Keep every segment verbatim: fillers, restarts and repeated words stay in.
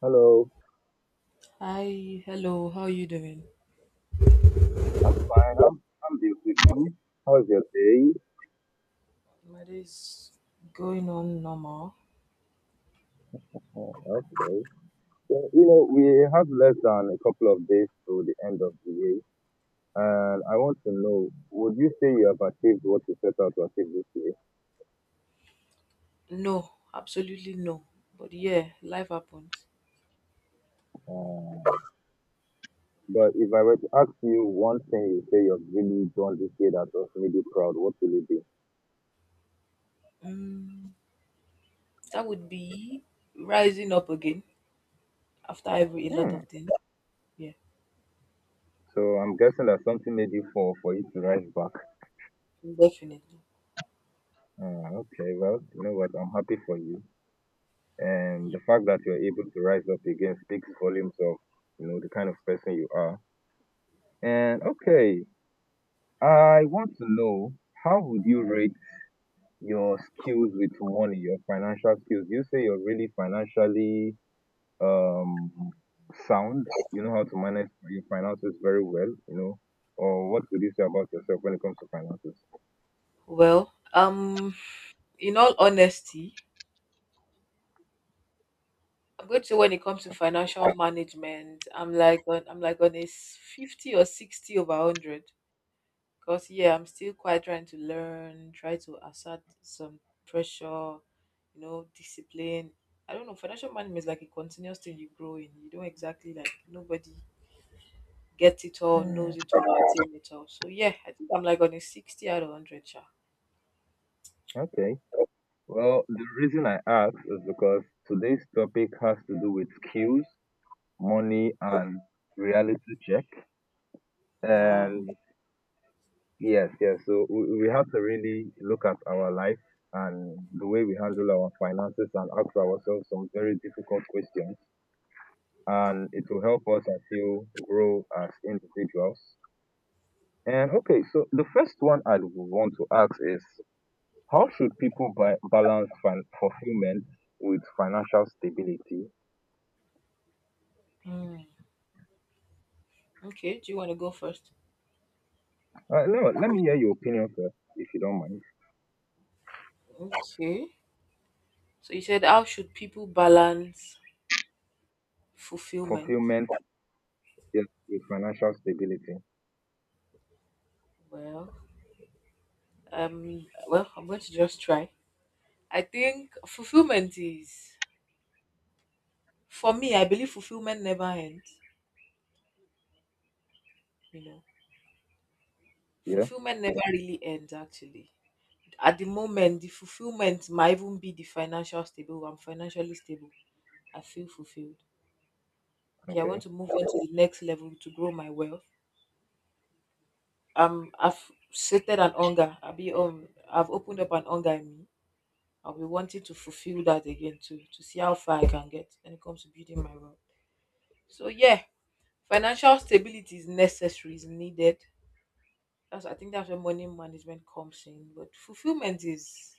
Hello. Hi, hello, how you doing? I'm fine. I'm I'm beautiful. How's your day? My day is going on normal. Oh, okay. So, you know, we have less than a couple of days to the end of the year, and I want to know, would you say you have achieved what you set out to achieve this year? No, absolutely no. But yeah, life happens. Uh, but if I were to ask you one thing you say you've really done this year that has made you proud, what will it be? Mm, that would be rising up again after every a lot Hmm. of things. Yeah, So I'm guessing that something made you fall for you to rise back. definitely. Uh, okay, well, you know what? I'm happy for you, and Yeah. the fact that you're able to rise up again speaks volumes of, you know, the kind of person you are. And okay, I want to know, how would you rate your skills with money, your financial skills? Do you say you're really financially um sound, you know how to manage your finances very well, you know, or what would you say about yourself when it comes to finances? Well, um, in all honesty, I'm going to say when it comes to financial management, I'm like on, I'm like on a s- fifty or sixty over hundred. Cause yeah, I'm still quite trying to learn, try to assert some pressure, you know, discipline. I don't know, financial management is like a continuous thing you grow in. You don't exactly like nobody gets it all, Hmm, knows it all, attain it all. So yeah, I think I'm like on a sixty out of hundred chart. okay, well the reason I ask is because today's topic has to do with skills, money, and reality check. Wow. And yes, yes. So we, we have to really look at our life and the way we handle our finances and ask ourselves some very difficult questions. And it will help us, I feel, grow as individuals. And okay, so the first one I would want to ask is how should people ba- balance fin- fulfillment with financial stability? Hmm. Okay, do you want to go first? Uh, no, let me hear your opinion first, if you don't mind. Okay. So you said how should people balance fulfillment? Fulfillment. Yes, with financial stability. Well, um well I'm going to just try. I think fulfillment is. For me, I believe fulfillment never ends. You know, Yeah. fulfillment never really ends. Actually, at the moment, the fulfillment might even be the financial stable. I'm financially stable. I feel fulfilled. Okay, I want Okay. to move on to the next level to grow my wealth. Um, I've sated an hunger. I'll be um, I've opened up an hunger in me. I'll be wanting to fulfill that again too, to see how far I can get when it comes to building my wealth. So yeah, financial stability is necessary, is needed. That's, I think that's where money management comes in. But fulfillment is,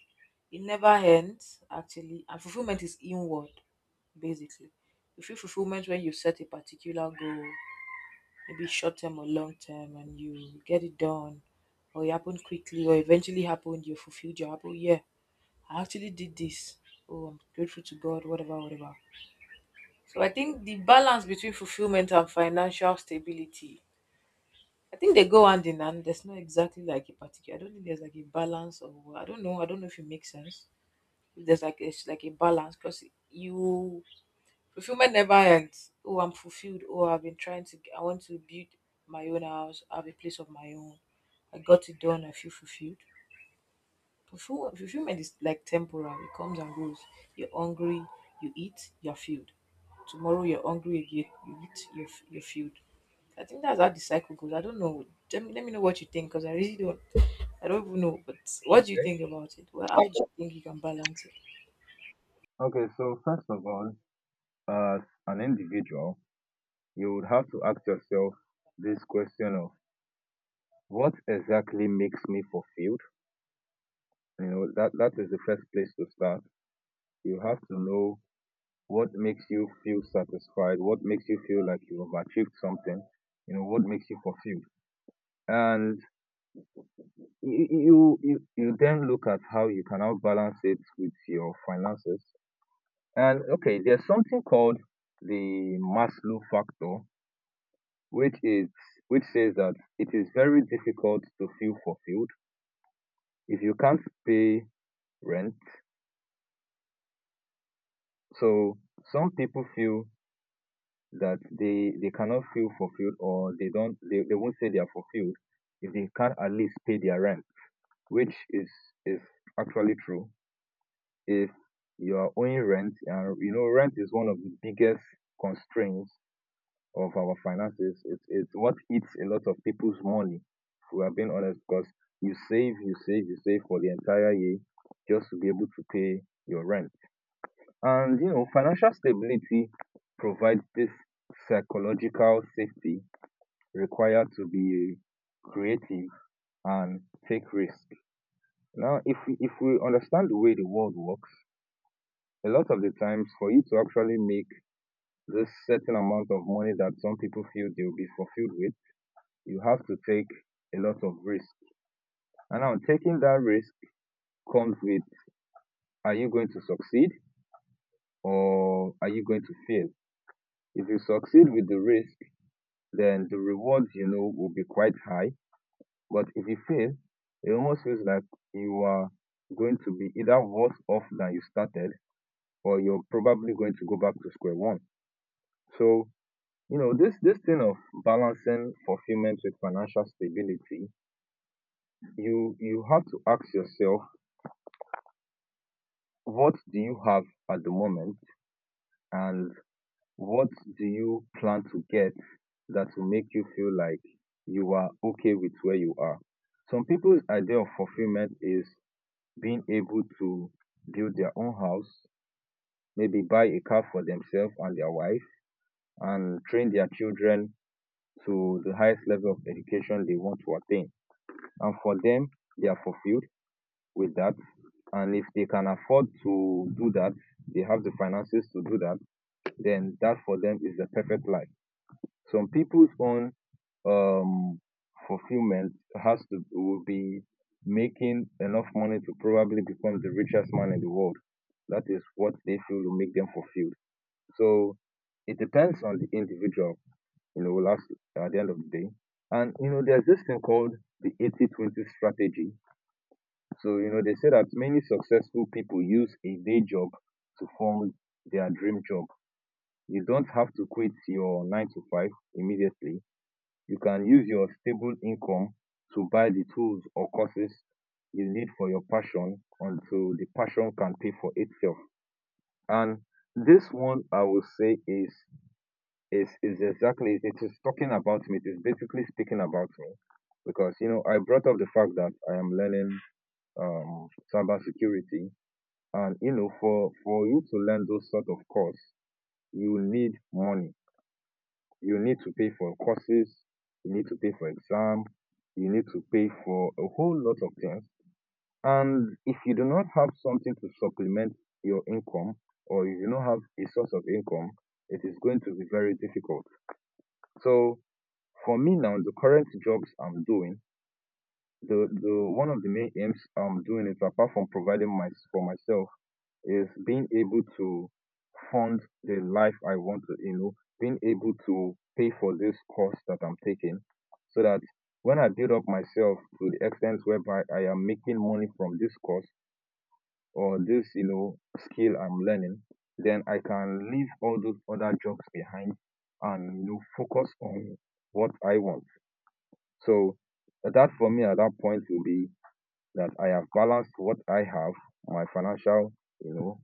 it never ends, actually. And fulfillment is inward, basically. You feel fulfillment when you set a particular goal, maybe short term or long term, and you get it done, or it happened quickly, or eventually happened, you fulfilled your apple. Yeah, I actually did this. Oh, I'm grateful to God, whatever, whatever. So I think the balance between fulfillment and financial stability, I think they go hand in hand. There's not exactly like a particular. I don't think there's like a balance or I don't know. I don't know if it makes sense. If there's like it's like a balance because you fulfillment never ends. Oh, I'm fulfilled. Oh, I've been trying to. I want to build my own house. I have a place of my own. I got it done. I feel fulfilled. Fulfill- Fulfillment is like temporal. It comes and goes. You're hungry. You eat. You're filled. Tomorrow you're hungry again. You eat. You're f- you're filled. I think that's how the cycle goes. I don't know. Let me, let me know what you think because I really don't. I don't even know. But what do you Okay. think about it? Well, how do you think you can balance it? Okay, so first of all, as an individual, you would have to ask yourself this question of what exactly makes me fulfilled? You know, that, that is the first place to start. You have to know what makes you feel satisfied, what makes you feel like you have achieved something, you know, what makes you fulfilled. And you, you, you you then look at how you can now balance it with your finances. And okay, there's something called the Maslow factor, which is which says that it is very difficult to feel fulfilled if you can't pay rent. So some people feel that they they cannot feel fulfilled, or they don't, they, they won't say they are fulfilled if they can't at least pay their rent, which is is actually true. If you are owing rent, and you know rent is one of the biggest constraints of our finances. It's, it's what eats a lot of people's money, if we are being honest, because you save, you save, you save for the entire year just to be able to pay your rent. And you know, financial stability provides this psychological safety required to be creative and take risk. Now, if we, if we understand the way the world works, a lot of the times for you to actually make this certain amount of money that some people feel they will be fulfilled with, you have to take a lot of risk. And now taking that risk comes with, are you going to succeed or are you going to fail? If you succeed with the risk, then the rewards, you know, will be quite high. But if you fail, it almost feels like you are going to be either worse off than you started, or you're probably going to go back to square one. So, you know, this this thing of balancing fulfillment with financial stability, you you have to ask yourself, what do you have at the moment, and what do you plan to get that will make you feel like you are okay with where you are? Some people's idea of fulfillment is being able to build their own house, maybe buy a car for themselves and their wife, and train their children to the highest level of education they want to attain. And for them, they are fulfilled with that. And if they can afford to do that, they have the finances to do that, then that for them is the perfect life. Some people's own um, fulfillment has to will be making enough money to probably become the richest man in the world. That is what they feel will make them fulfilled. So it depends on the individual, you know, last at the end of the day. And you know, there's this thing called the eighty twenty strategy. So, you know, they say that many successful people use a day job to form their dream job. You don't have to quit your nine to five immediately. You can use your stable income to buy the tools or courses you need for your passion until the passion can pay for itself. And this one I will say is is is exactly, it is talking about me, it is basically speaking about me, because you know I brought up the fact that I am learning um cyber security. And you know, for for you to learn those sort of course, you need money. You need to pay for courses, you need to pay for exam, you need to pay for a whole lot of things. And if you do not have something to supplement your income, or you do not have a source of income, it is going to be very difficult. So for me now, the current jobs I'm doing, the, the one of the main aims I'm doing is, apart from providing my, for myself, is being able to fund the life I want to, you know, being able to pay for this course that I'm taking, so that when I build up myself to the extent whereby I am making money from this course or this, you know, skill I'm learning, then I can leave all those other jobs behind and, you know, focus on what I want. So that for me at that point will be that I have balanced what I have, my financial, you know,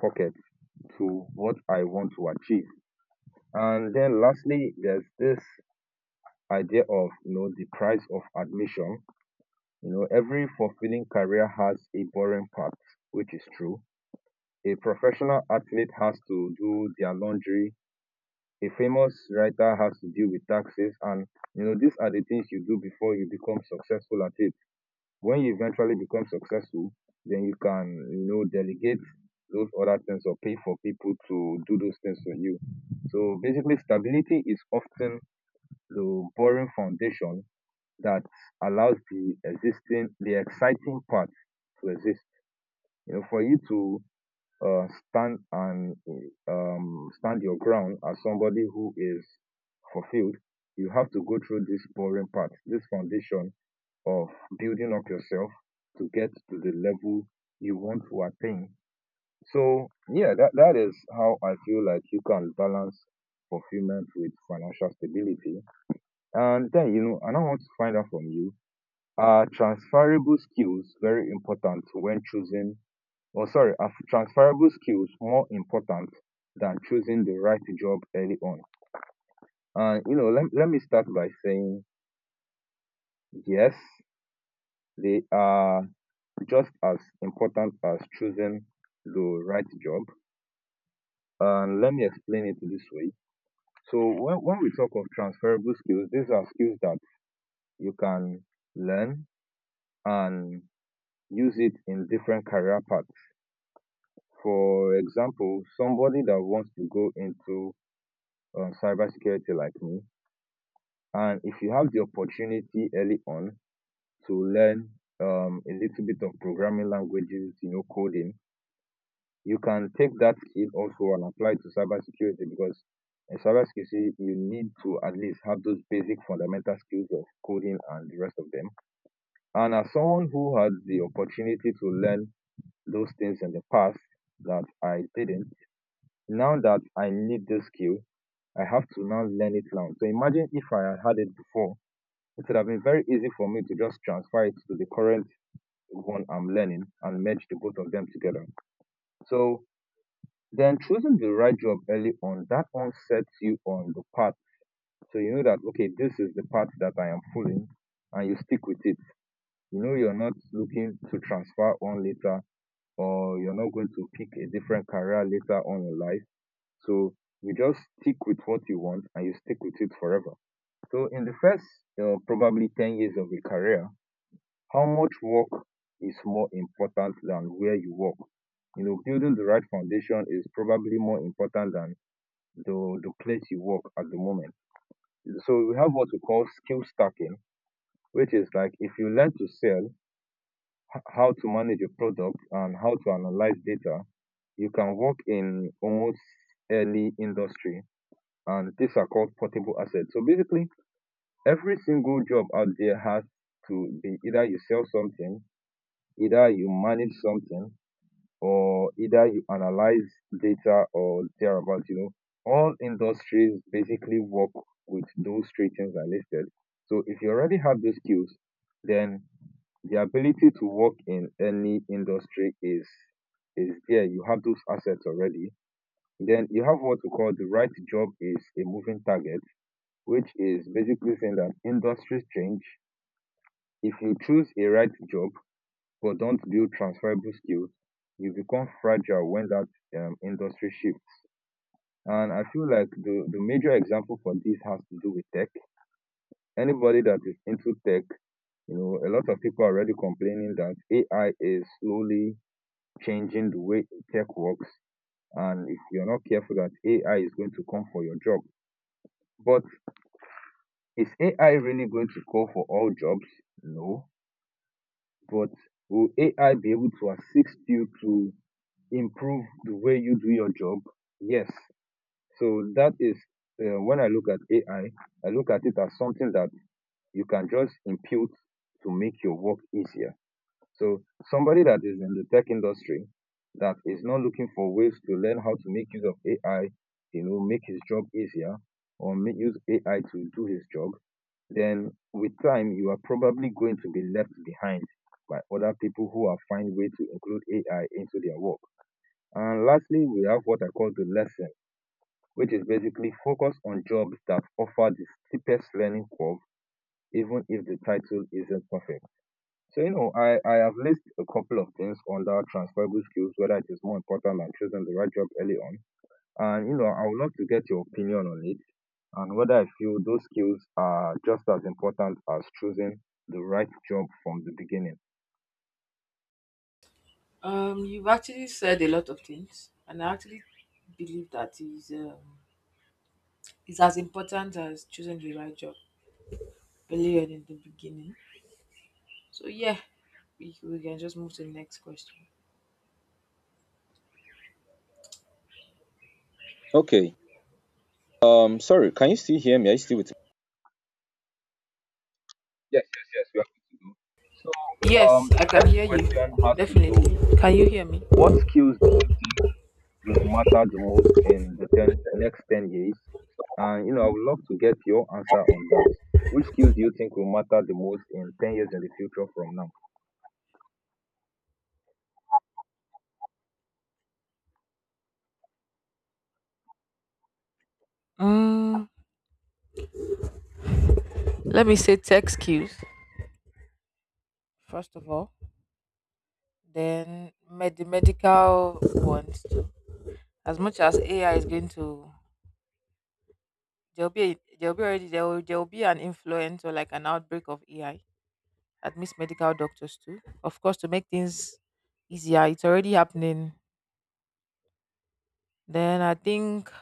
pocket, to what I want to achieve. And then lastly, there's this idea of, you know, the price of admission. You know, every fulfilling career has a boring part, which is true. A professional athlete has to do their laundry. A famous writer has to deal with taxes, and you know these are the things you do before you become successful at it. When you eventually become successful, then you can, you know, delegate those other things or pay for people to do those things for you. So basically, stability is often the boring foundation that allows the existing, the exciting part, to exist. You know, for you to uh, stand and um, stand your ground as somebody who is fulfilled, you have to go through this boring part, this foundation of building up yourself to get to the level you want to attain. So yeah, that, that is how I feel like you can balance fulfillment with financial stability. And then, you know, and I want to find out from you, are transferable skills very important when choosing, or sorry, are transferable skills more important than choosing the right job early on? And, you know, let, let me start by saying, yes, they are. Just as important as choosing the right job. And let me explain it this way. So when, when we talk of transferable skills, these are skills that you can learn and use it in different career paths. For example, somebody that wants to go into um, cybersecurity like me, and if you have the opportunity early on to learn um, a little bit of programming languages, you know, coding, you can take that skill also and apply to cybersecurity, because in cybersecurity, you need to at least have those basic fundamental skills of coding and the rest of them. And as someone who had the opportunity to learn those things in the past that I didn't, now that I need this skill, I have to now learn it now. So imagine if I had had it before, it would have been very easy for me to just transfer it to the current one I'm learning and merge the both of them together. So then choosing the right job early on, that one sets you on the path. So you know that, okay, this is the path that I am following, and you stick with it. You know, you're not looking to transfer on later, or you're not going to pick a different career later on in life. So you just stick with what you want, and you stick with it forever. So in the first uh, probably ten years of a career, how much work is more important than where you work? You know, building the right foundation is probably more important than the the place you work at the moment. So we have what we call skill stacking, which is like if you learn to sell, h- how to manage your product and how to analyze data, you can work in almost any industry. And these are called portable assets. So basically, every single job out there has to be either you sell something, either you manage something, or either you analyze data or thereabout, you know. All industries basically work with those three things I listed. So if you already have those skills, then the ability to work in any industry is is there. You have those assets already. Then you have what we call the right job is a moving target, which is basically saying that industries change. If you choose a right job, but don't build transferable skills, you become fragile when that um, industry shifts. And I feel like the, the major example for this has to do with tech. Anybody that is into tech, you know, a lot of people are already complaining that A I is slowly changing the way tech works. And if you're not careful that A I is going to come for your job. But is A I really going to go for all jobs? No. But will A I be able to assist you to improve the way you do your job? Yes. So that is uh, when I look at A I, I I look at it as something that you can just impute to make your work easier. So somebody that is in the tech industry that is not looking for ways to learn how to make use of A I, you know, make his job easier or make use A I to do his job, then with time you are probably going to be left behind by other people who are find way to include A I into their work. And lastly, we have what I call the lesson, which is basically focus on jobs that offer the steepest learning curve, even if the title isn't perfect. So, you know, I, I have listed a couple of things under transferable skills, whether it is more important than choosing the right job early on. And, you know, I would love to get your opinion on it and whether I feel those skills are just as important as choosing the right job from the beginning. Um, you've actually said a lot of things, and I actually believe that is um, is as important as choosing the right job earlier in the beginning. So yeah, we, we can just move to the next question. Okay. Um, sorry, can you still hear me? Are you still with? Yes, yes, yes, we are good to go. So, um, Yes, I the can next hear you. question has to do with Definitely. Can you hear me? what skills do you think will matter the most in the ten, next ten years? And, you know, I would love to get your answer on that. Which skills do you think will matter the most in ten years in the future from now? Mm, let me say tech skills first of all. Then med- the medical ones too. As much as A I is going to, there'll be a- there'll be already there will, there will be an influence or like an outbreak of A I that means medical doctors too. Of course, to make things easier, it's already happening. Then I think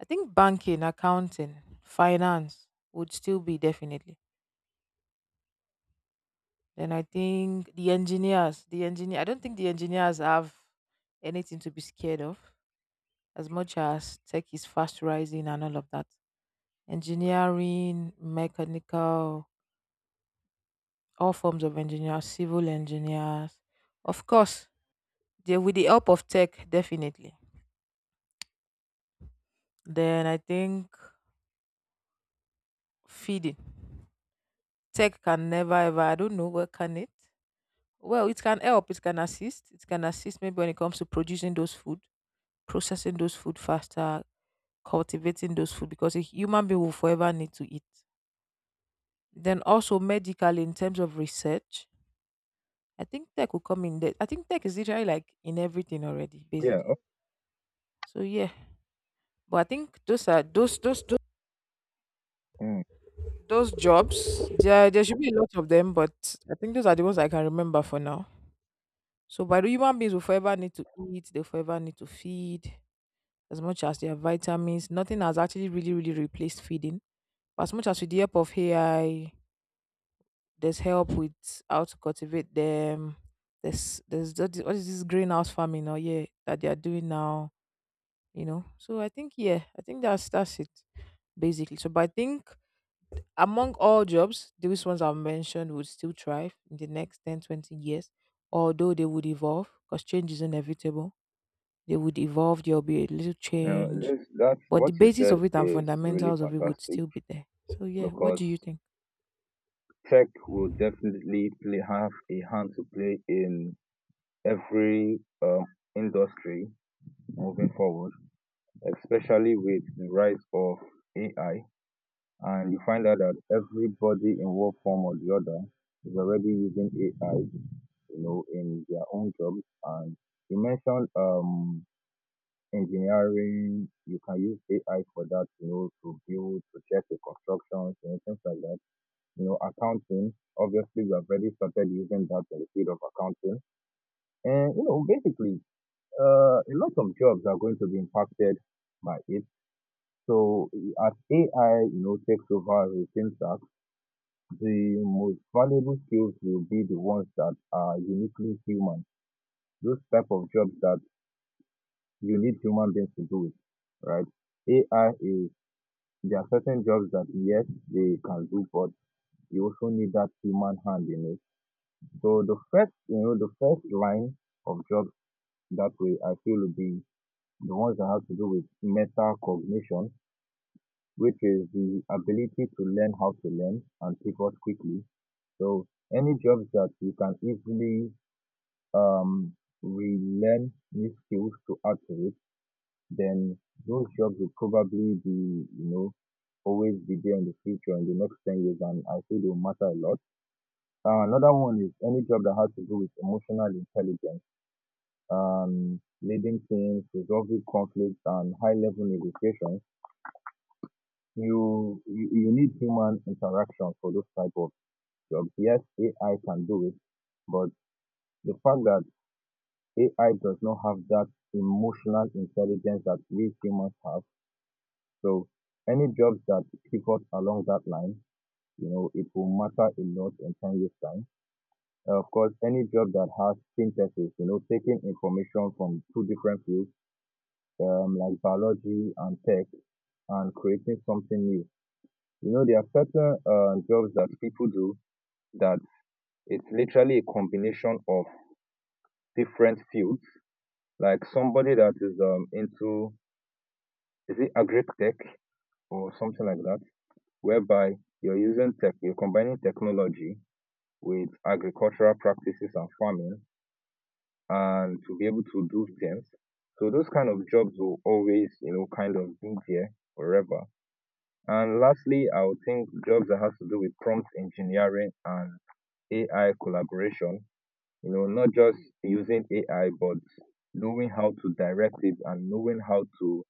I think banking, accounting, finance would still be definitely. Then I think the engineers, the engineer. I don't think the engineers have anything to be scared of, as much as tech is fast rising and all of that. Engineering, mechanical, all forms of engineers, civil engineers. Of course, they, with the help of tech, definitely. Then I think feeding. Tech can never ever, I don't know, what can it? Well, it can help, it can assist. It can assist maybe when it comes to producing those food, processing those food faster, cultivating those food, because a human being will forever need to eat. Then also medical in terms of research, I think tech will come in there. I think tech is literally like in everything already, Yeah, basically. o- So yeah, but I think those are those those those, mm, those jobs. There there should be a lot of them, but I think those are the ones I can remember for now. So by the human beings will forever need to eat. They forever need to feed. As much as their vitamins, nothing has actually really really replaced feeding. But as much as with the help of A I, there's help with how to cultivate them. There's there's what is what is this greenhouse farming? Oh yeah, that they are doing now, you know. So I think yeah, I think that's that's it basically. So but I think among all jobs, these ones I've mentioned would still thrive in the next ten, twenty years, although they would evolve because change is inevitable. They would evolve, there'll be a little uh, change. this, that's But what the you basis said of it and is really fundamentals of it would fantastic still be there. So yeah, what because do you think? tech will definitely play, have a hand to play in every um, industry moving forward, especially with the rise of A I. And you find out that everybody in one form or the other is already using A I, you know, in their own jobs. And you mentioned um, engineering, you can use A I for that, you know, to build, to check the constructions, you know, things like that. You know, accounting, obviously we have already started using that in the field of accounting. And, you know, basically, uh, a lot of jobs are going to be impacted by A I. So as A I, you know, takes over routine tasks, the most valuable skills will be the ones that are uniquely human. Those type of jobs that you need human beings to do it, right? A I is there are certain jobs that yes they can do, but you also need that human hand in it. So the first, you know, the first line of jobs that way I feel will be the ones that have to do with meta cognition, which is the ability to learn how to learn and pivot quickly. So any jobs that you can easily um, relearn new skills to add to it, then those jobs will probably be, you know, always be there in the future in the next ten years, and I feel they will matter a lot. Uh, another one is any job that has to do with emotional intelligence, um, leading teams, resolving conflicts, and high-level negotiations. You, you you need human interaction for those type of jobs. Yes, A I can do it, but the fact that A I does not have that emotional intelligence that we humans have. So any jobs that pivot along that line, you know, it will matter a lot in ten years' time. Uh, of course, any job that has synthesis, you know, taking information from two different fields, um, like biology and tech, and creating something new. You know, there are certain uh, jobs that people do that it's literally a combination of different fields. Like somebody that is um, into is it agri-tech or something like that, whereby you're using tech, you're combining technology with agricultural practices and farming and to be able to do things. So those kind of jobs will always, you know, kind of be there forever. And lastly, I would think jobs that has to do with prompt engineering and A I collaboration, you know, not just using A I, but knowing how to direct it and knowing how to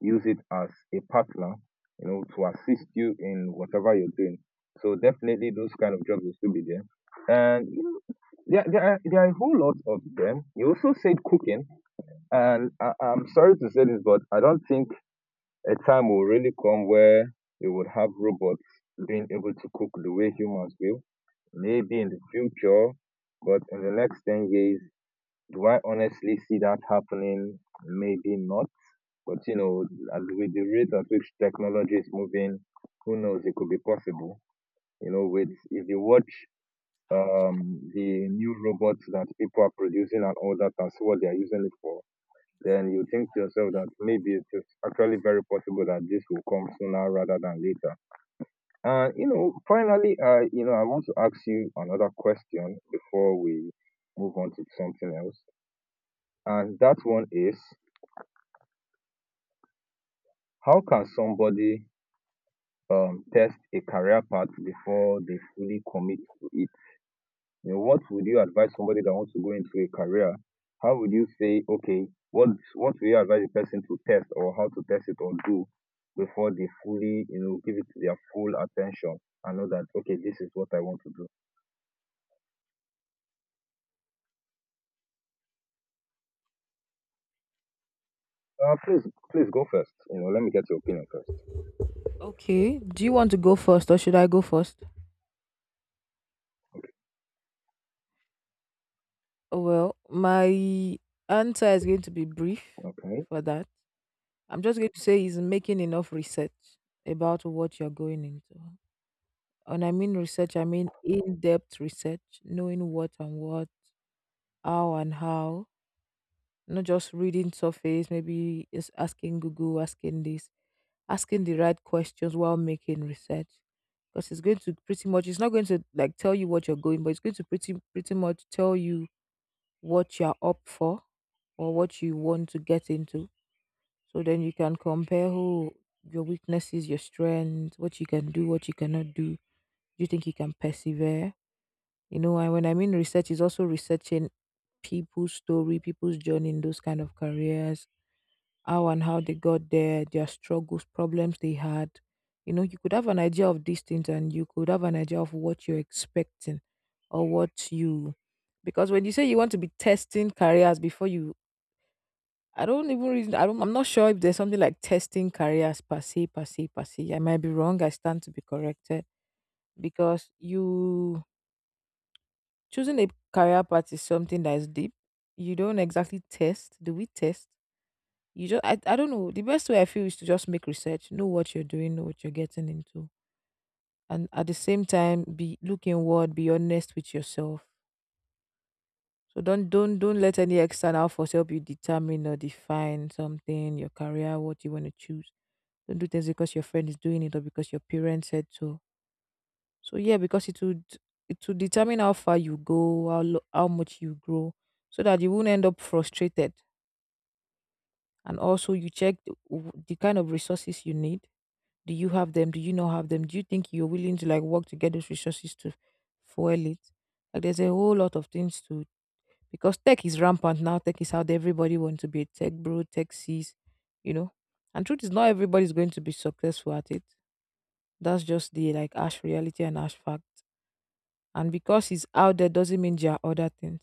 use it as a partner, you know, to assist you in whatever you're doing. So definitely those kind of jobs will still be there. And you know, there, there, are, there are a whole lot of them. You also said cooking, and I, I'm sorry to say this, but I don't think a time will really come where we would have robots being able to cook the way humans will. Maybe in the future, but in the next ten years, do I honestly see that happening? Maybe not. But you know, at with the rate at which technology is moving, who knows? It could be possible. You know, with if you watch um, the new robots that people are producing and all that, and see what they are using it for, then you think to yourself that maybe it is actually very possible that this will come sooner rather than later. And you know, finally, uh, you know, I want to ask you another question before we move on to something else, and that one is, how can somebody um test a career path before they fully commit to it. You know, what would you advise somebody that wants to go into a career? How would you say, okay, what what will you advise a person to test or how to test it or do before they fully, you know, give it their full attention and know that okay, this is what I want to do. Uh, please, please go first. You know, let me get your opinion first. Okay. Do you want to go first or should I go first? Well, my answer is going to be brief Okay. for that. I'm just going to say is making enough research about what you're going into. And I mean research, I mean in depth research, knowing what and what, how and how, not just reading surface, maybe just asking Google, asking this, asking the right questions while making research. Because it's going to pretty much, it's not going to like tell you what you're going, but it's going to pretty pretty much tell you what you're up for or what you want to get into. So then you can compare who your weaknesses, your strengths, what you can do, what you cannot do. Do you think you can persevere? You know, and when I mean research, is also researching people's story, people's journey in those kind of careers, how and how they got there, their struggles, problems they had. You know, you could have an idea of these things and you could have an idea of what you're expecting or what you because when you say you want to be testing careers before you I don't even reason. I don't. I'm not sure if there's something like testing careers per se, per se, per se. I might be wrong. I stand to be corrected because you choosing a career path is something that is deep. You don't exactly test. Do we test? You just. I. I don't know. The best way I feel is to just make research. Know what you're doing. Know what you're getting into. And at the same time, be look inward. Be honest with yourself. So don't don't don't let any external force help you determine or define something, your career, what you want to choose. Don't do things because your friend is doing it or because your parents said so. So yeah, because it would it would determine how far you go, how lo- how much you grow, so that you won't end up frustrated. And also, you check the, w- the kind of resources you need. Do you have them? Do you not have them? Do you think you're willing to like work to get those resources to fuel it? Like there's a whole lot of things to because tech is rampant now. Tech is out there. Everybody wants to be a tech bro, tech sees, you know. And truth is, not everybody's going to be successful at it. That's just the like ash reality and ash fact. And because it's out there doesn't mean there are other things.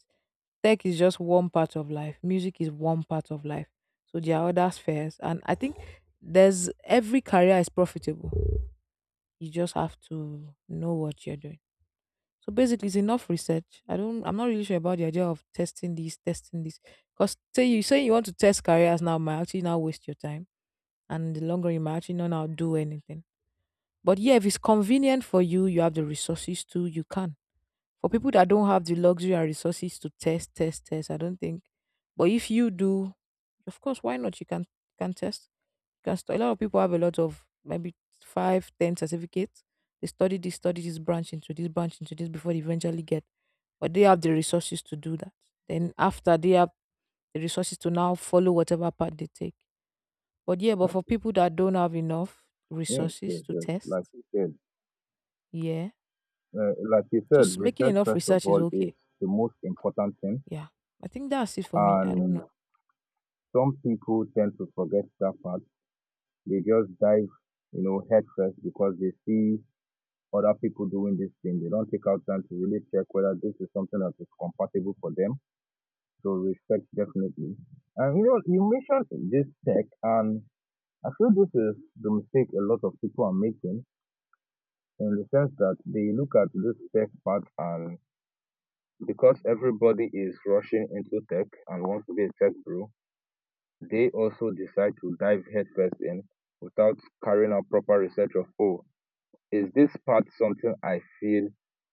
Tech is just one part of life. Music is one part of life. So there are other spheres. And I think there's every career is profitable. You just have to know what you're doing. So basically it's enough research. I don't I'm not really sure about the idea of testing this, testing this. Because say you say you want to test careers now might actually now waste your time. And in the long run you might actually not now do anything. But yeah, if it's convenient for you, you have the resources to, you can. For people that don't have the luxury and resources to test, test, test, I don't think. But if you do, of course, why not? You can can test. You can stu- a lot of people have a lot of maybe five, ten certificates. They study this, study this branch into this branch into this before they eventually get. But they have the resources to do that. Then after they have the resources to now follow whatever path they take. But yeah, but for people that don't have enough Yes, resources yes, to yes. test, Like you said, yeah, uh, like you said, just making research enough first of research is all is okay. the most important thing, Yeah. I think that's it for me. I don't and know. some people tend to forget that part. They just dive, you know, head first because they see other people doing this thing. They don't take out time to really check whether this is something that is compatible for them. So respect definitely. And you know, you mentioned this tech, and I feel this is the mistake a lot of people are making in the sense that they look at this tech part and because everybody is rushing into tech and wants to be a tech bro, they also decide to dive headfirst in without carrying out proper research of, oh, is this part something I feel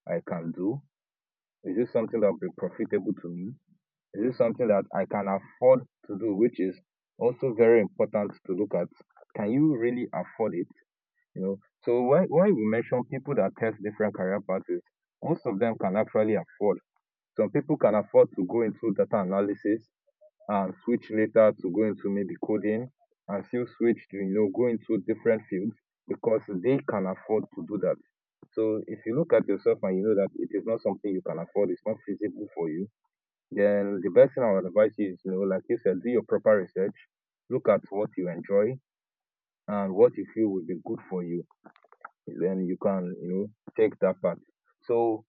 I can do? Is this something that will be profitable to me? Is this something that I can afford to do, which is also very important to look at? Can you really afford it? You know, so why why we mention people that test different career paths, is most of them can actually afford. Some people can afford to go into data analysis and switch later to go into maybe coding and still switch to you know go into different fields because they can afford to do that. So if you look at yourself and you know that it is not something you can afford, it's not feasible for you, then the best thing I would advise you is, you know, like you said, do your proper research, look at what you enjoy and what you feel will be good for you. Then you can, you know, take that path. So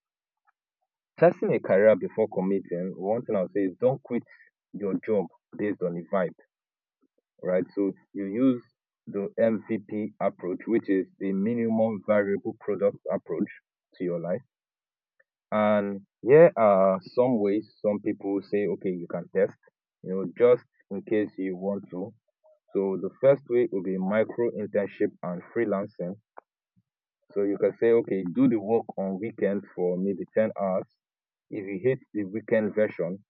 testing a career before committing, one thing I'll say is don't quit your job based on the vibe, right? So you use the M V P approach, which is the minimum viable product approach to your life. And here are some ways some people say, okay, you can test, you know, just in case you want to. So the first way will be micro internship and freelancing. So you can say, okay, do the work on weekend for maybe ten hours. If you hate the weekend version,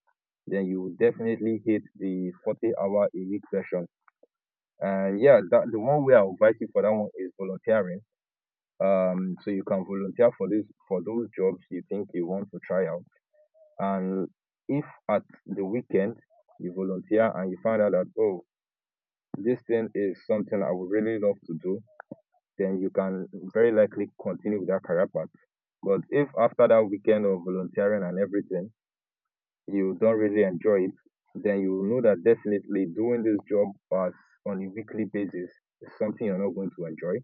then you will definitely hate the forty hour a week version. Uh, yeah, that the one way I would advise you for that one is volunteering. Um, so you can volunteer for this for those jobs you think you want to try out. And if at the weekend you volunteer and you find out that oh, this thing is something I would really love to do, then you can very likely continue with that career path. But if after that weekend of volunteering and everything, you don't really enjoy it, then you will know that definitely doing this job as on a weekly basis is something you're not going to enjoy.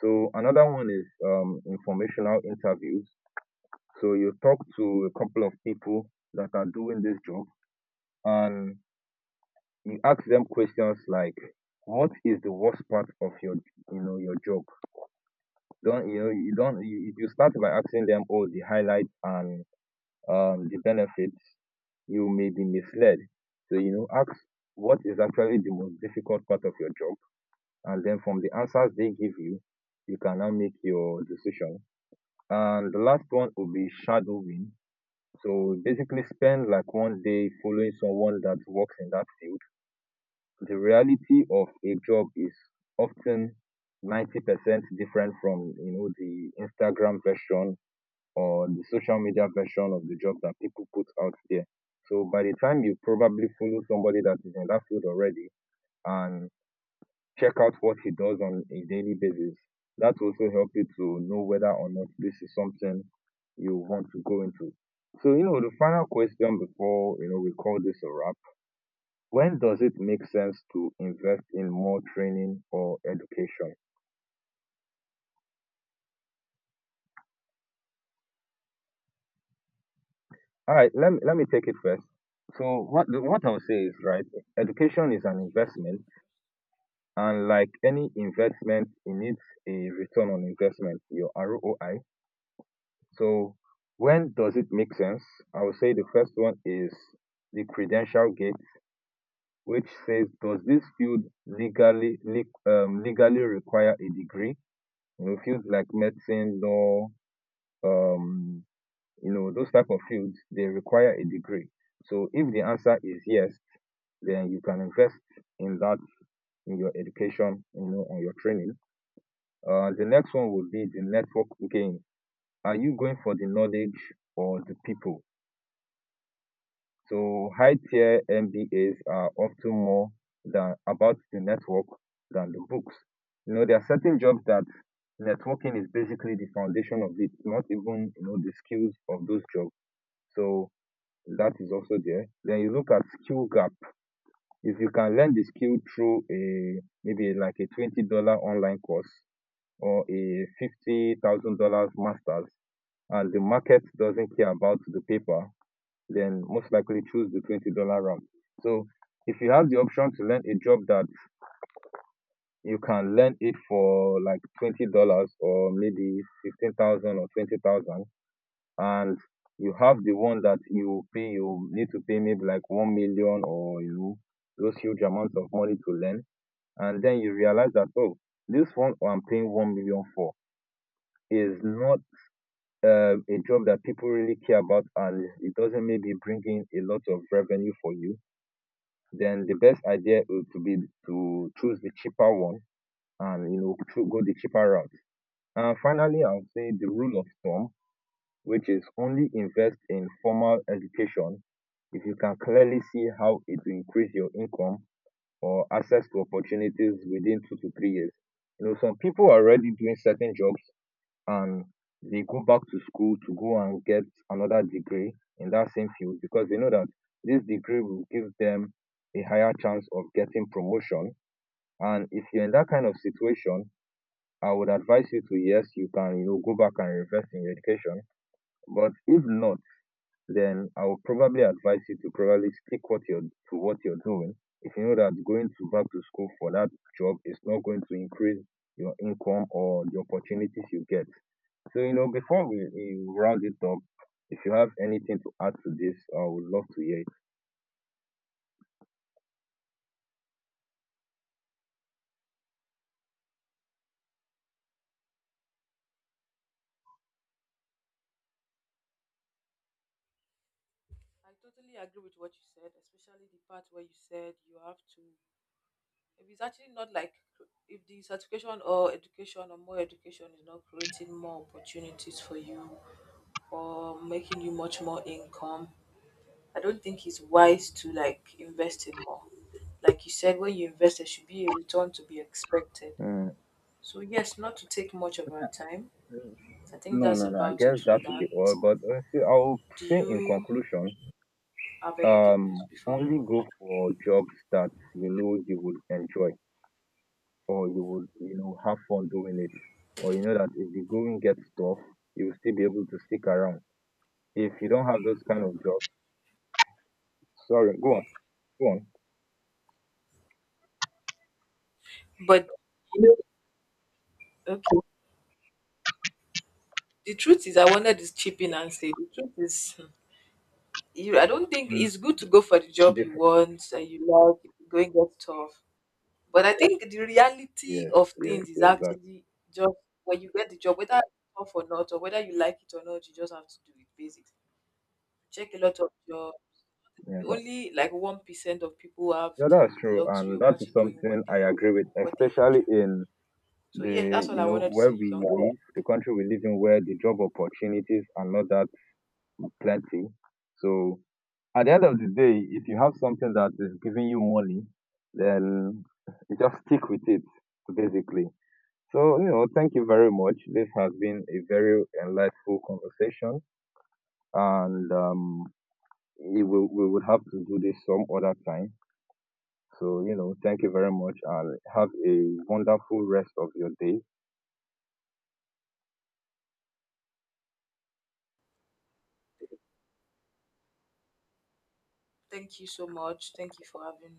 So another one is um, informational interviews. So you talk to a couple of people that are doing this job and you ask them questions like, what is the worst part of your you know your job? Don't you know you don't you, If you start by asking them all the highlights and um, the benefits, you may be misled. So you know ask what is actually the most difficult part of your job, and then from the answers they give you, you can now make your decision. And the last one would be shadowing. So basically spend like one day following someone that works in that field. The reality of a job is often ninety percent different from, you know, the Instagram version or the social media version of the job that people put out there. So by the time you probably follow somebody that is in that field already and check out what he does on a daily basis. That will also help you to know whether or not this is something you want to go into. So, you know, the final question before, you know, we call this a wrap. When does it make sense to invest in more training or education? All right, let me, let me take it first. So what what I'll say is right, education is an investment, and like any investment it needs a return on investment, your R O I. So when does it make sense? I would say the first one is the credential gate, which says, does this field legally leg- um, legally require a degree? You know, fields like medicine, law, um, you know, those type of fields they require a degree. So if the answer is yes, then you can invest in that in your education, you know, and your training. Uh, the next one would be the network gain. Are you going for the knowledge or the people? So high-tier M B As are often more than about the network than the books. You know, there are certain jobs that networking is basically the foundation of it, not even you know the skills of those jobs. So that is also there. Then you look at skill gap. If you can learn the skill through a maybe like a twenty dollar online course or a fifty thousand dollars masters, and the market doesn't care about the paper, then most likely choose the twenty dollar round. So if you have the option to learn a job that you can learn it for like twenty dollars or maybe fifteen thousand or twenty thousand, and you have the one that you pay you need to pay maybe like one million or you know those huge amounts of money to learn, and then you realize that oh this one I'm paying one million for is not uh, a job that people really care about and it doesn't maybe bring in a lot of revenue for you, then the best idea would to be to choose the cheaper one and you know to go the cheaper route. And finally, I would say the rule of thumb, which is only invest in formal education if you can clearly see how it will increase your income or access to opportunities within two to three years. You know, some people are already doing certain jobs and they go back to school to go and get another degree in that same field because they know that this degree will give them a higher chance of getting promotion. And if you're in that kind of situation, I would advise you to yes, you can you know go back and invest in your education. But if not, then I would probably advise you to probably stick what you're to what you're doing. If you know that going to back to school for that job is not going to increase your income or the opportunities you get. So, you know, before we, we round it up, if you have anything to add to this, I would love to hear it. I totally agree with what you said, especially the part where you said you have to. If it's actually not like if the certification or education or more education is not creating more opportunities for you or making you much more income, I don't think it's wise to like invest in more. Like you said, when you invest, there should be a return to be expected. Mm. So yes, not to take much of our time. I think No, that's no, no. I about guess it for that will be all. that. But uh, see, I'll Do say in you conclusion, have anything else um, before we only go? go for jobs that you know you would enjoy or you would, you know, have fun doing it. Or you know that if the going gets tough, you will still be able to stick around. If you don't have those kind of jobs, sorry, go on, go on. But you know, okay. The truth is, I wanted to chip in and say the truth is, hmm, you. I don't think Mm, it's good to go for the job you different. want and you like. If you going get tough, but I think the reality Yes, of yes, things is yes. That, actually just when you get the job, whether it's tough or not, or whether you like it or not, you just have to do it. Basics. Check a lot of your yeah, that. only like one percent of people have Yeah, that's the true, luxury and of that is actually doing something what they I love, agree with, what they especially enjoy. in So yeah, the that's all you I know wanted to where say. You can we go. live, the country we live in, where the job opportunities are not that plenty. So at the end of the day, if you have something that is giving you money, then you just stick with it, basically. So you know, thank you very much. This has been a very enlightening conversation, and um, we will- we would have to do this some other time. So, you know, thank you very much and have a wonderful rest of your day. Thank you so much. Thank you for having